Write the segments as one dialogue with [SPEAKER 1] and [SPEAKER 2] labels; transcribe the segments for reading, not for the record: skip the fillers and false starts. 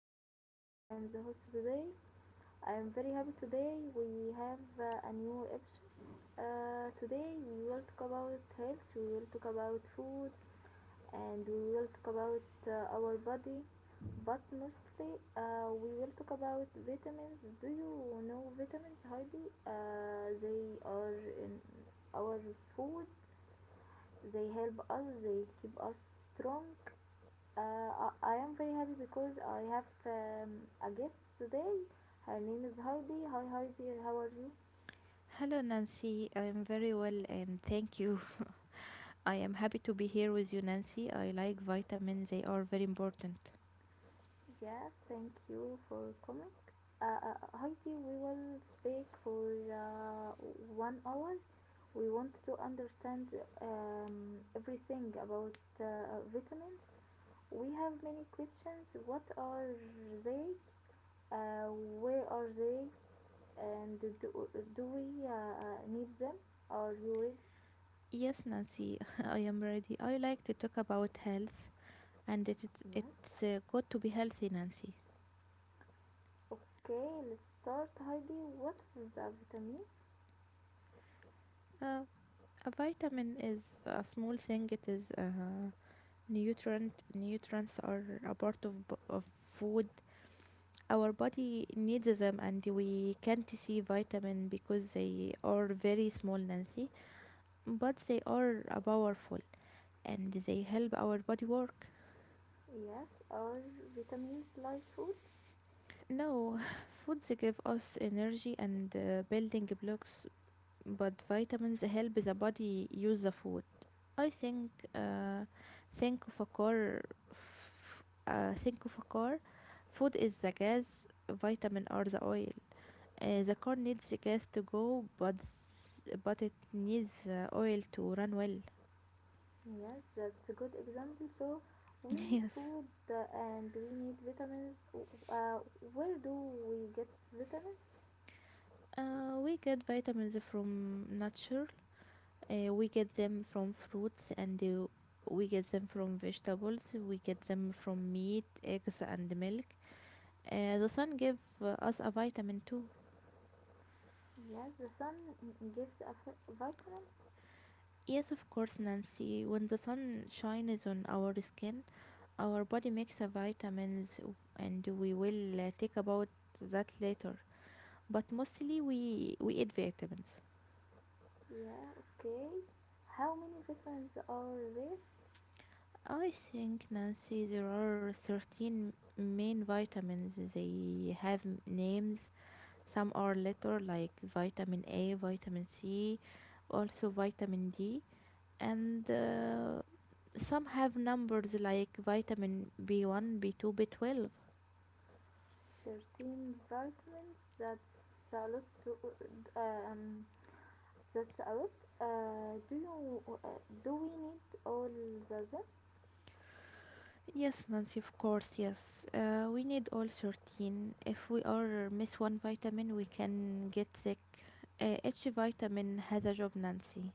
[SPEAKER 1] name is Nancy. I am the host today. I am very happy today. We have a new episode. Today we will talk about health, we will talk about food, and we will talk about our body. But mostly, we will talk about vitamins. Do you know vitamins, Heidi? They are in our food. They help us. They keep us strong. uh, I am very happy because I have a guest today. Her name is Heidi. Hi Heidi, how are you?
[SPEAKER 2] Hello, Nancy. I am very well and thank you. I am happy to be here with you, Nancy. I like vitamins, they are very important.
[SPEAKER 1] Yes, thank you for coming. Heidi, we will speak for 1 hour. We want to understand everything about vitamins. We have many questions. What are they? Uh, where are they? And do, do we need them? Are you ready?
[SPEAKER 2] Yes, Nancy, I am ready. I like to talk about health and it, it, it's
[SPEAKER 1] Yes.
[SPEAKER 2] uh, good to be healthy, Nancy.
[SPEAKER 1] Okay, let's start, Heidi. What is a vitamin?
[SPEAKER 2] Uh, a vitamin is a small thing, it is a nutrient. Nutrients are a part of, of food. Our body needs them and we can't see vitamin because they are very small, Nancy, but they are powerful and they help our body work.
[SPEAKER 1] Yes, are vitamins like food?
[SPEAKER 2] No, foods give us energy and building blocks, but vitamins help the body use the food. I think of a car, Think of a car. Food is the gas, vitamin are the oil. The car needs the gas to go, but it needs oil to run well.
[SPEAKER 1] Yes, that's a good example. So, we need
[SPEAKER 2] Yes.
[SPEAKER 1] food and we need vitamins. Where do we get vitamins?
[SPEAKER 2] We get vitamins from nature. We get them from fruits, and we get them from vegetables. We get them from meat, eggs, and milk. The sun gives us a vitamin too.
[SPEAKER 1] Yes, the sun gives a vitamin.
[SPEAKER 2] Yes, of course, Nancy. When the sun shines on our skin, our body makes a vitamins, and we will talk about that later. But mostly, we eat vitamins.
[SPEAKER 1] Yeah, okay. How many vitamins are there?
[SPEAKER 2] I think, Nancy, there are 13 main vitamins. They have names. Some are later, like vitamin A, vitamin C, also vitamin D, and some have numbers like vitamin B1, B2, B12.
[SPEAKER 1] 13 vitamins. That's a lot. Uh, um, That's a lot. Do you do we need all the them?
[SPEAKER 2] Yes, Nancy, of course, yes. We need all 13. If we are miss one vitamin, we can get sick. Each vitamin has a job, Nancy.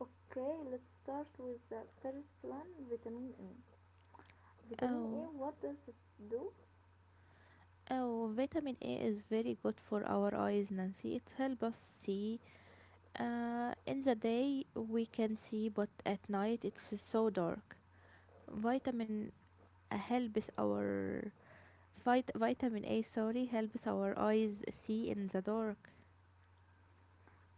[SPEAKER 1] Okay, let's start with the first one, vitamin A. Vitamin
[SPEAKER 2] Oh,
[SPEAKER 1] A, what does it do?
[SPEAKER 2] oh, vitamin A is very good for our eyes, Nancy. It helps us see. In the day we can see, but at night it's so dark. Vitamin helps our Vitamin A, sorry, helps our eyes see in the dark.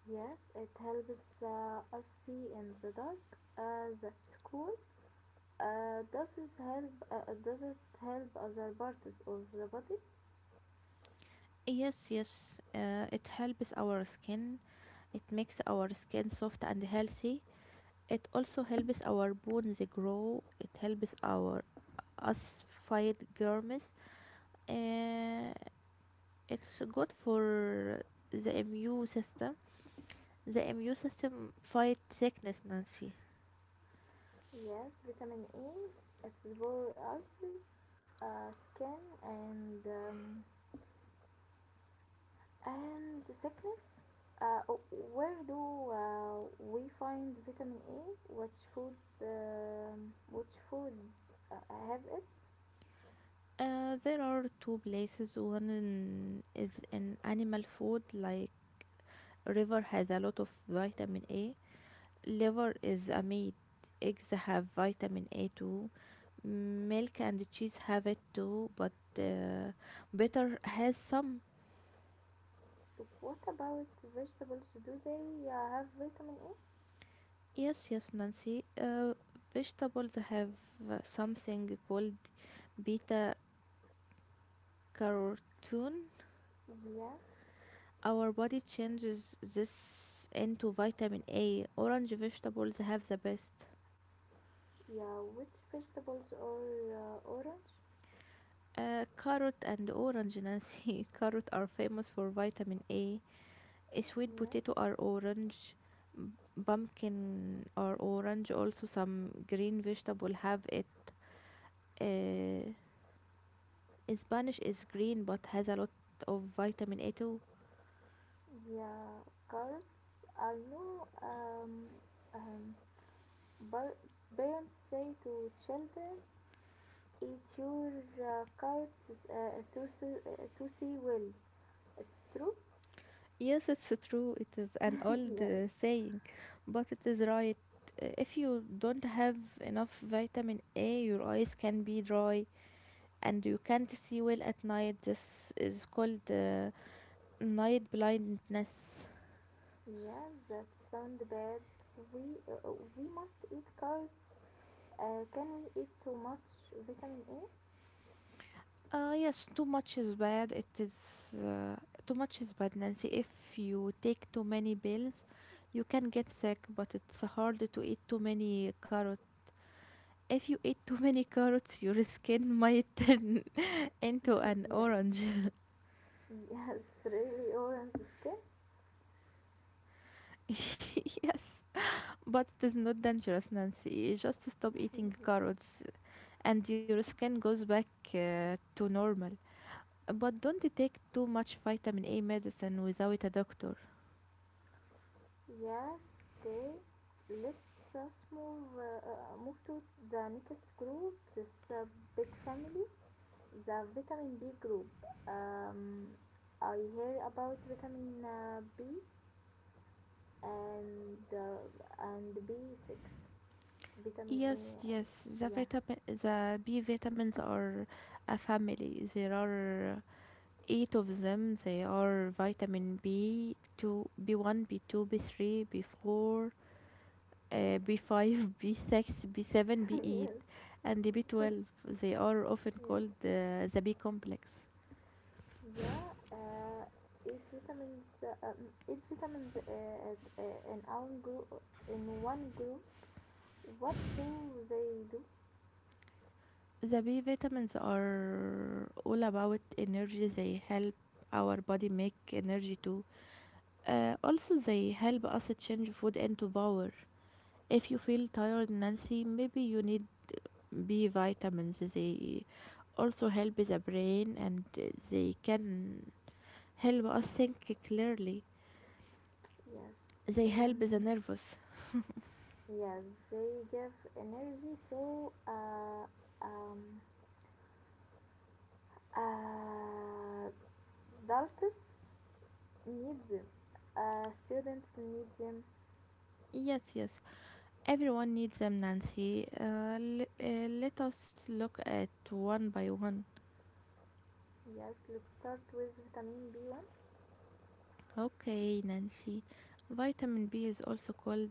[SPEAKER 1] Yes, it helps us see in the dark. That's cool. Does it help other parts of the body?
[SPEAKER 2] Yes, yes, it helps our skin. It makes our skin soft and healthy. It also helps our bones grow. It helps our us fight germs. Uh, it's good for the immune system. The immune system fight sickness, Nancy.
[SPEAKER 1] Yes, vitamin A. It's for eyes, skin, and and the sickness? Uh, where do we find vitamin A? Which food? Which foods have it?
[SPEAKER 2] There are two places. One is in animal food, like river has a lot of vitamin A. Liver is a meat. Eggs have vitamin A too. Milk and cheese have it too, but uh, butter has some.
[SPEAKER 1] What about vegetables? Do they have vitamin A?
[SPEAKER 2] Yes, yes, Nancy. Vegetables have something called beta carotene.
[SPEAKER 1] Yes.
[SPEAKER 2] Our body changes this into vitamin A. Orange vegetables have the best.
[SPEAKER 1] Yeah. Which vegetables are orange?
[SPEAKER 2] Carrot and orange, Nancy. Carrot are famous for vitamin A. Sweet
[SPEAKER 1] Yes.
[SPEAKER 2] potato are orange. B- Pumpkin are orange. Also, some green vegetable have it. Uh, Spanish is green but has a lot of vitamin A too.
[SPEAKER 1] Yeah. Carrots. I know. Um par- parents say to children, eat your carrots to see well. It's true?
[SPEAKER 2] Yes, it's true. It is an old
[SPEAKER 1] Yes.
[SPEAKER 2] saying, but it is right. If you don't have enough vitamin A, your eyes can be dry and you can't see well at night. This is called night blindness.
[SPEAKER 1] Yeah, that sounds bad. We uh, we must eat carrots. Can we eat too much vitamin A?
[SPEAKER 2] Yes, too much is bad. It is uh, Too much is bad, Nancy. If you take too many pills, you can get sick, but it's hard to eat too many carrots. If you eat too many carrots, your skin might turn into an
[SPEAKER 1] Yes.
[SPEAKER 2] orange.
[SPEAKER 1] Yes, really orange skin.
[SPEAKER 2] Yes. But it is not dangerous, Nancy. Just stop eating carrots and your skin goes back to normal. But don't take too much vitamin A medicine without a doctor.
[SPEAKER 1] Yes, okay. Let's us move move to the next group. This big family. The vitamin B group. Um, I hear about vitamin B and B six, vitamin
[SPEAKER 2] Yes,
[SPEAKER 1] A.
[SPEAKER 2] yes.
[SPEAKER 1] Yeah,
[SPEAKER 2] The B vitamins are a family. There are eight of them. They are vitamin B two, B one, B two, B three, B four, B5, B6, B7,
[SPEAKER 1] yes,
[SPEAKER 2] B8, and B12. They are often called
[SPEAKER 1] yes,
[SPEAKER 2] the B complex.
[SPEAKER 1] yeah. It vitamins in our group. In one group, what do they do?
[SPEAKER 2] The B vitamins are all about energy. They help our body make energy too. Also, they help us change food into power. If you feel tired, Nancy, maybe you need B vitamins. They also help the brain, and they can help us think clearly.
[SPEAKER 1] Yes.
[SPEAKER 2] They help the
[SPEAKER 1] Um,
[SPEAKER 2] nervous.
[SPEAKER 1] yes, they give energy. So, um, uh, adults need them, students need them.
[SPEAKER 2] Yes, yes. Everyone needs them, Nancy. Let us look at one by one.
[SPEAKER 1] Yes, let's start with vitamin B1.
[SPEAKER 2] Okay, Nancy. Vitamin B is also called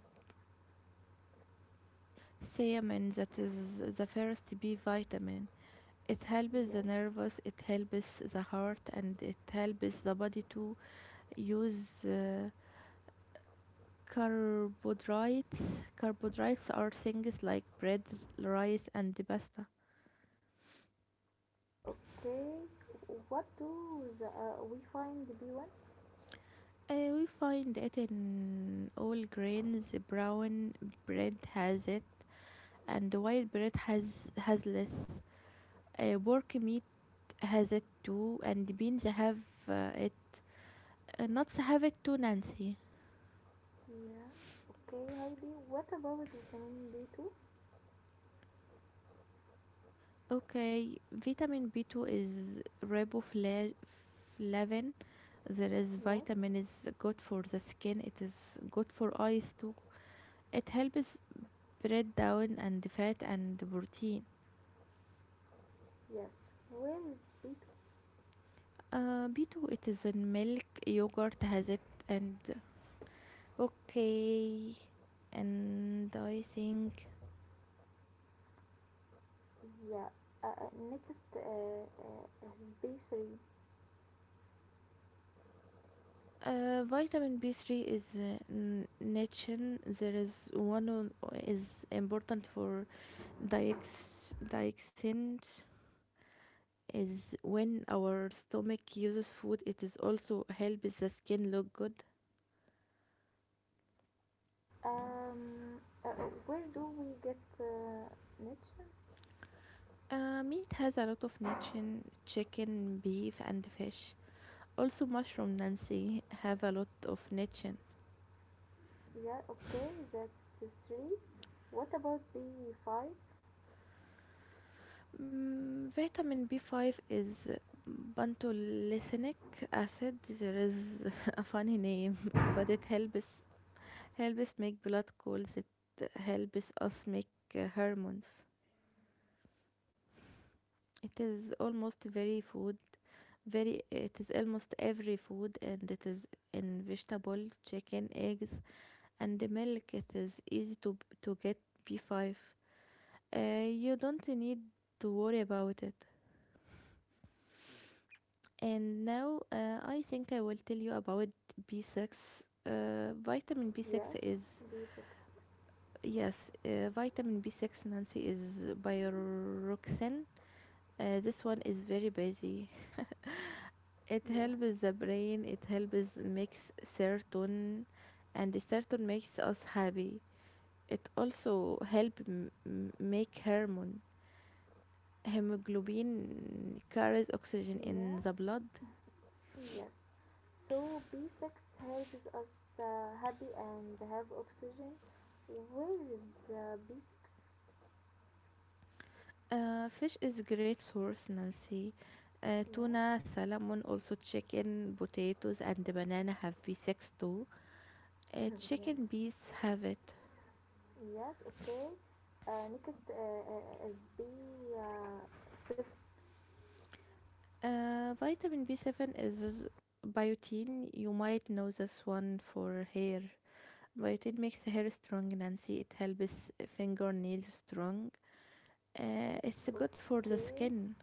[SPEAKER 2] thiamine, that is the first B vitamin. It helps the
[SPEAKER 1] Yes,
[SPEAKER 2] nervous, it helps the heart, and it helps the body to use carbohydrates. Carbohydrates are things like bread, rice, and pasta.
[SPEAKER 1] okay, what do we find B1?
[SPEAKER 2] We find it in all grains. Brown bread has it, and white bread has less. Pork meat has it too, and beans have it. Nuts have it too, Nancy.
[SPEAKER 1] Yeah, okay, Heidi, what about vitamin B2?
[SPEAKER 2] Okay, vitamin B2 is riboflavin. There is
[SPEAKER 1] Yes,
[SPEAKER 2] vitamin is good for the skin. It is good for eyes too. It helps break down and fat and protein.
[SPEAKER 1] yes, where is B2?
[SPEAKER 2] B2, it is in milk, yogurt has it, and okay. And I think
[SPEAKER 1] Yeah, next is B3.
[SPEAKER 2] vitamin B3 is nichen. There is one on, is important for diex diexint is when our stomach uses food. It is also helps the skin look good.
[SPEAKER 1] Um, uh, where do we get niche?
[SPEAKER 2] Meat has a lot of nichen, chicken, beef, and fish. Also, mushroom Nancy have a lot of niche.
[SPEAKER 1] Yeah, okay, that's three. What about B5?
[SPEAKER 2] Vitamin B5 is pantolacinic acid. There is a funny name, but it helps helps make blood clots. It helps us make hormones. It is almost very food. It is almost every food, and it is in vegetable, chicken, eggs, and the milk. It is easy to get B5. You don't need to worry about it. And now I think I will tell you about B6. Vitamin B6
[SPEAKER 1] Yes,
[SPEAKER 2] is,
[SPEAKER 1] B6.
[SPEAKER 2] yes, vitamin B6, Nancy, is bioroxin. This one is very busy. It
[SPEAKER 1] Yeah,
[SPEAKER 2] helps the brain, it helps makes serotonin, and the serotonin makes us happy. It also help make hormone. Hemoglobin carries oxygen in
[SPEAKER 1] yeah,
[SPEAKER 2] the blood.
[SPEAKER 1] yes. So B6 helps us stay happy and have oxygen. Where is the B6?
[SPEAKER 2] Fish is a great source, Nancy. Uh,
[SPEAKER 1] Yeah,
[SPEAKER 2] tuna, salmon, also chicken, potatoes, and the banana have B6 too. Chicken
[SPEAKER 1] yes,
[SPEAKER 2] beets have it.
[SPEAKER 1] yes, okay. Next is B7K.
[SPEAKER 2] Vitamin B7 is biotin. You might know this one for hair. Biotin makes hair strong, Nancy. It helps fingernails strong. It's good for the skin.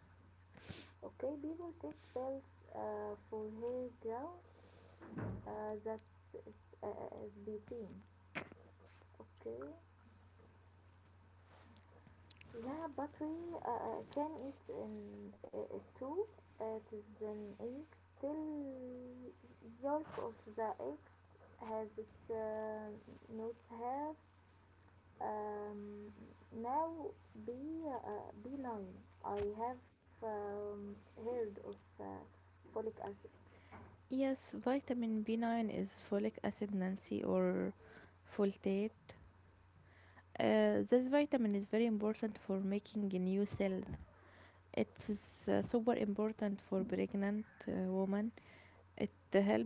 [SPEAKER 1] Okay, B will take pills for her grow. That's Is B 10? Okay. Yeah, but we can eat an two. It is an egg. Still, yolk of the eggs has it, not have um, now B B nine. I have heard of folic acid.
[SPEAKER 2] Yes, vitamin B9 is folic acid, Nancy, or folate. This vitamin is very important for making new cells. It's super important for pregnant women. It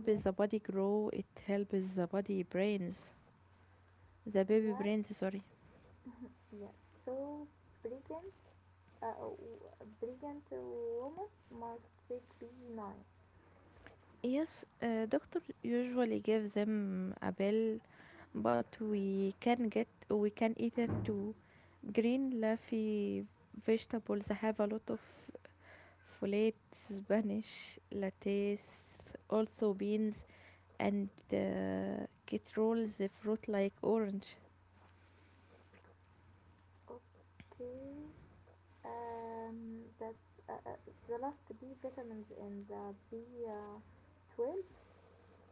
[SPEAKER 1] Yeah.
[SPEAKER 2] the body grow. It helps the baby
[SPEAKER 1] Yes.
[SPEAKER 2] brains. Sorry.
[SPEAKER 1] Yes. So pregnant, uh, w- pregnant woman must take B9.
[SPEAKER 2] Yes, doctor usually gives them a pill, but we can eat it too. Green leafy vegetables have a lot of folate, Spanish lettuce, also beans, and get rolls the fruit like orange.
[SPEAKER 1] Okay. That uh, uh, the last B vitamins in the B 12.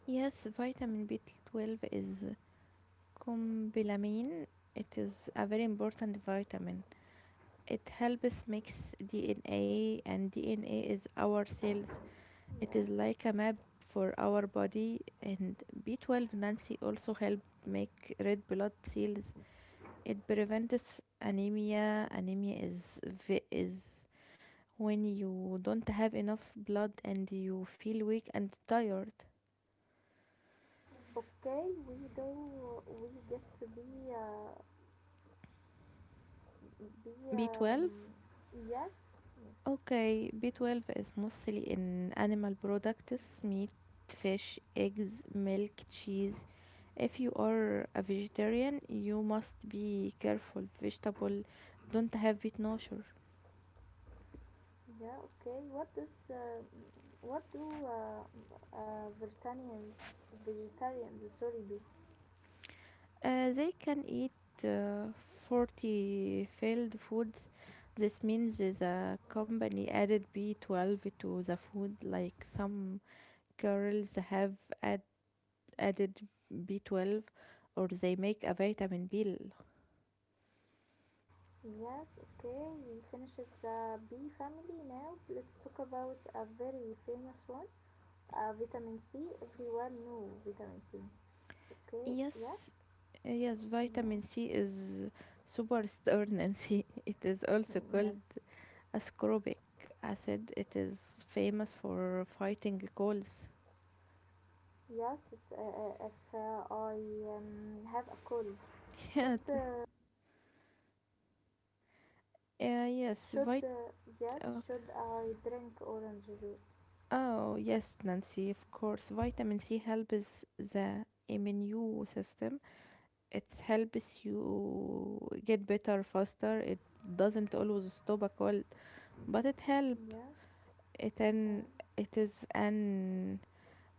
[SPEAKER 2] Yes, vitamin B12 is cobalamin. It is a very important vitamin. It helps makes DNA, and DNA is our cells. It is
[SPEAKER 1] Yeah.
[SPEAKER 2] like a map for our body, and B12 Nancy also help make red blood cells. It prevents anemia. Anemia is when you don't have enough blood and you feel weak and tired.
[SPEAKER 1] Okay, we do. We get to be
[SPEAKER 2] B12.
[SPEAKER 1] yes, yes.
[SPEAKER 2] Okay, B12 is mostly in animal products, meat, fish, eggs, milk, cheese. If you are a vegetarian, you must be careful. Vegetable don't have B12.
[SPEAKER 1] Yeah. Okay. What does what do vegetarians vegetarians, sorry, do?
[SPEAKER 2] They can eat uh, 40 failed foods. This means the company added B12 to the food, like some girls have add, added B12, or they make a vitamin pill.
[SPEAKER 1] Yes. Okay. We finished the B family now. Let's talk about a very famous one. Vitamin C, everyone know vitamin C. Okay, yes,
[SPEAKER 2] Yes, yes.
[SPEAKER 1] yes,
[SPEAKER 2] Vitamin C is super stern and C. It is also
[SPEAKER 1] yes.
[SPEAKER 2] called ascorbic acid. It is famous for fighting colds.
[SPEAKER 1] Yes, it, if I have a cold,
[SPEAKER 2] Yeah,
[SPEAKER 1] should uh,
[SPEAKER 2] th- uh, yes,
[SPEAKER 1] should
[SPEAKER 2] vit.
[SPEAKER 1] yes,
[SPEAKER 2] Okay.
[SPEAKER 1] should I drink orange juice?
[SPEAKER 2] Oh, yes, Nancy, of course. Vitamin C helps the immune system, it helps you get better faster. It doesn't always stop a cold, but it help
[SPEAKER 1] Yes.
[SPEAKER 2] it
[SPEAKER 1] Uh,
[SPEAKER 2] an it is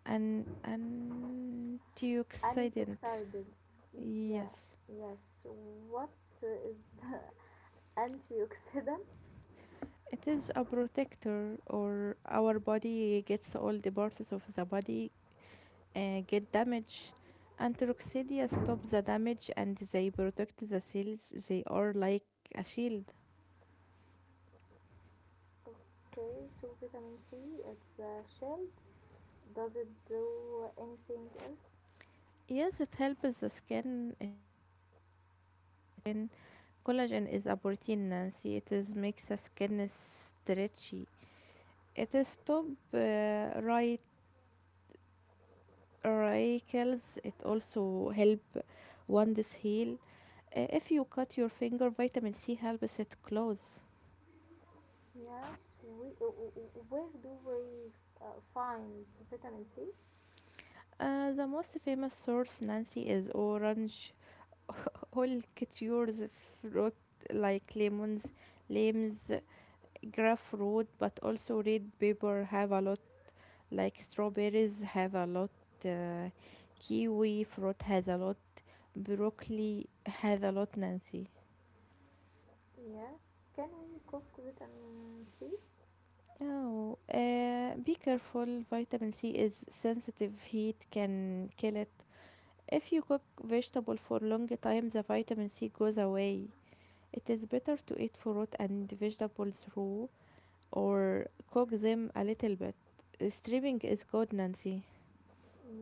[SPEAKER 2] an antioxidant.
[SPEAKER 1] antioxidant. Yeah.
[SPEAKER 2] Yes,
[SPEAKER 1] Yes. What is antioxidant?
[SPEAKER 2] it is a protector or our body gets all the parts of the body get damaged. Antioxidants stop the damage, and they protect the cells, they are like a shield.
[SPEAKER 1] Okay, so vitamin C. It's a shield. Does it do anything else?
[SPEAKER 2] Yes, it helps the skin. It Collagen is a protein, Nancy. It is makes the skin stretchy. It stop wrinkles. It also help wounds heal. If you cut your finger, vitamin C helps it close.
[SPEAKER 1] Yes, we, where do we find vitamin C?
[SPEAKER 2] The most famous source, Nancy, is orange. All cultures, fruit like lemons, limes, grapefruit, but also red pepper have a lot, like strawberries have a lot, uh, kiwi fruit has a lot, broccoli has a lot, Nancy.
[SPEAKER 1] Yes. Can we cook vitamin C?
[SPEAKER 2] Oh, be careful. Vitamin C is sensitive. Heat can kill it. If you cook vegetable for long time, the vitamin C goes away. It is better to eat fruit and vegetables raw or cook them a little bit. Steaming is good, Nancy.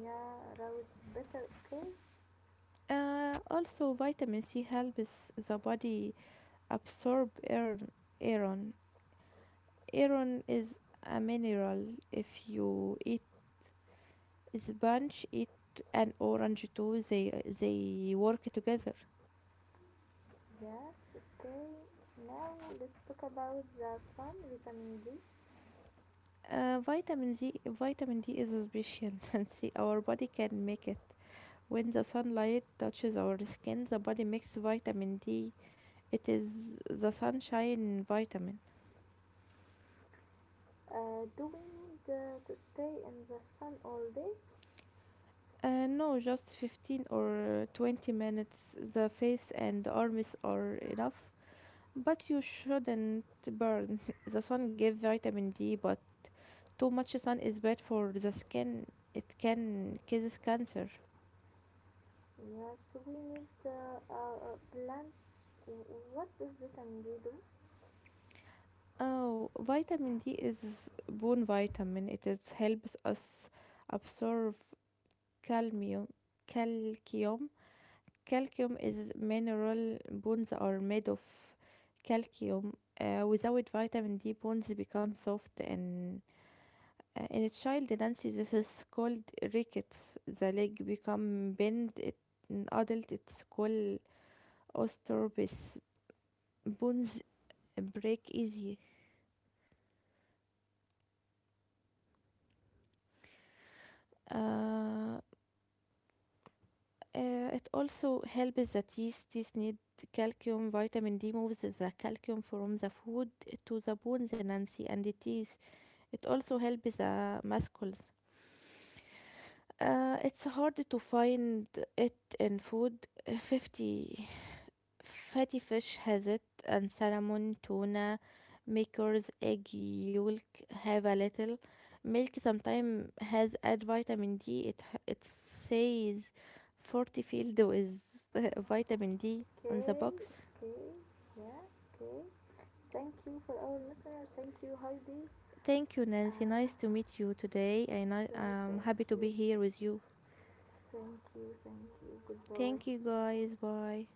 [SPEAKER 1] Yeah, rose better, okay?
[SPEAKER 2] Also, vitamin C helps the body absorb iron iron is a mineral. If you eat sponge eat an orange too, they work together.
[SPEAKER 1] Yes, okay. Now let's talk about the sun, vitamin D.
[SPEAKER 2] Vitamin D is a special, And See, our body can make it. When the sunlight touches our skin, the body makes vitamin D. It is the sunshine vitamin.
[SPEAKER 1] Do we need to stay in the sun all day?
[SPEAKER 2] No, just 15 or 20 minutes, the face and arms are enough. But you shouldn't burn. The sun gives vitamin D, but too much sun is bad for the skin. It can causes cancer.
[SPEAKER 1] Yes, we need plants. What does vitamin D do?
[SPEAKER 2] Oh, vitamin D is bone vitamin. It is helps us absorb calcium. Calcium. Calcium is mineral. Bones are made of calcium. Without vitamin D, bones become soft and. In a child Nancy, this is called rickets. The leg become bent. It, in adult, it's called osteoarthritis. Bones break easy. Uh, it also helps the teeth. Teeth need calcium. Vitamin D moves the calcium from the food to the bones, Nancy, and the teeth. It also helps the muscles. It's hard to find it in food. 50 fatty fish has it, and salmon, tuna, makers, egg yolk have a little. Milk sometimes has add vitamin D. It says 40 filled with vitamin D on the
[SPEAKER 1] Okay,
[SPEAKER 2] box.
[SPEAKER 1] okay, yeah, okay. Thank you for our listeners. Thank you, Heidi.
[SPEAKER 2] Thank you, Nancy.
[SPEAKER 1] Ah,
[SPEAKER 2] Nice to meet you today, and I
[SPEAKER 1] the
[SPEAKER 2] am
[SPEAKER 1] thank
[SPEAKER 2] happy to
[SPEAKER 1] you,
[SPEAKER 2] be here with you.
[SPEAKER 1] thank you, thank you. Goodbye.
[SPEAKER 2] Thank you, guys. Bye.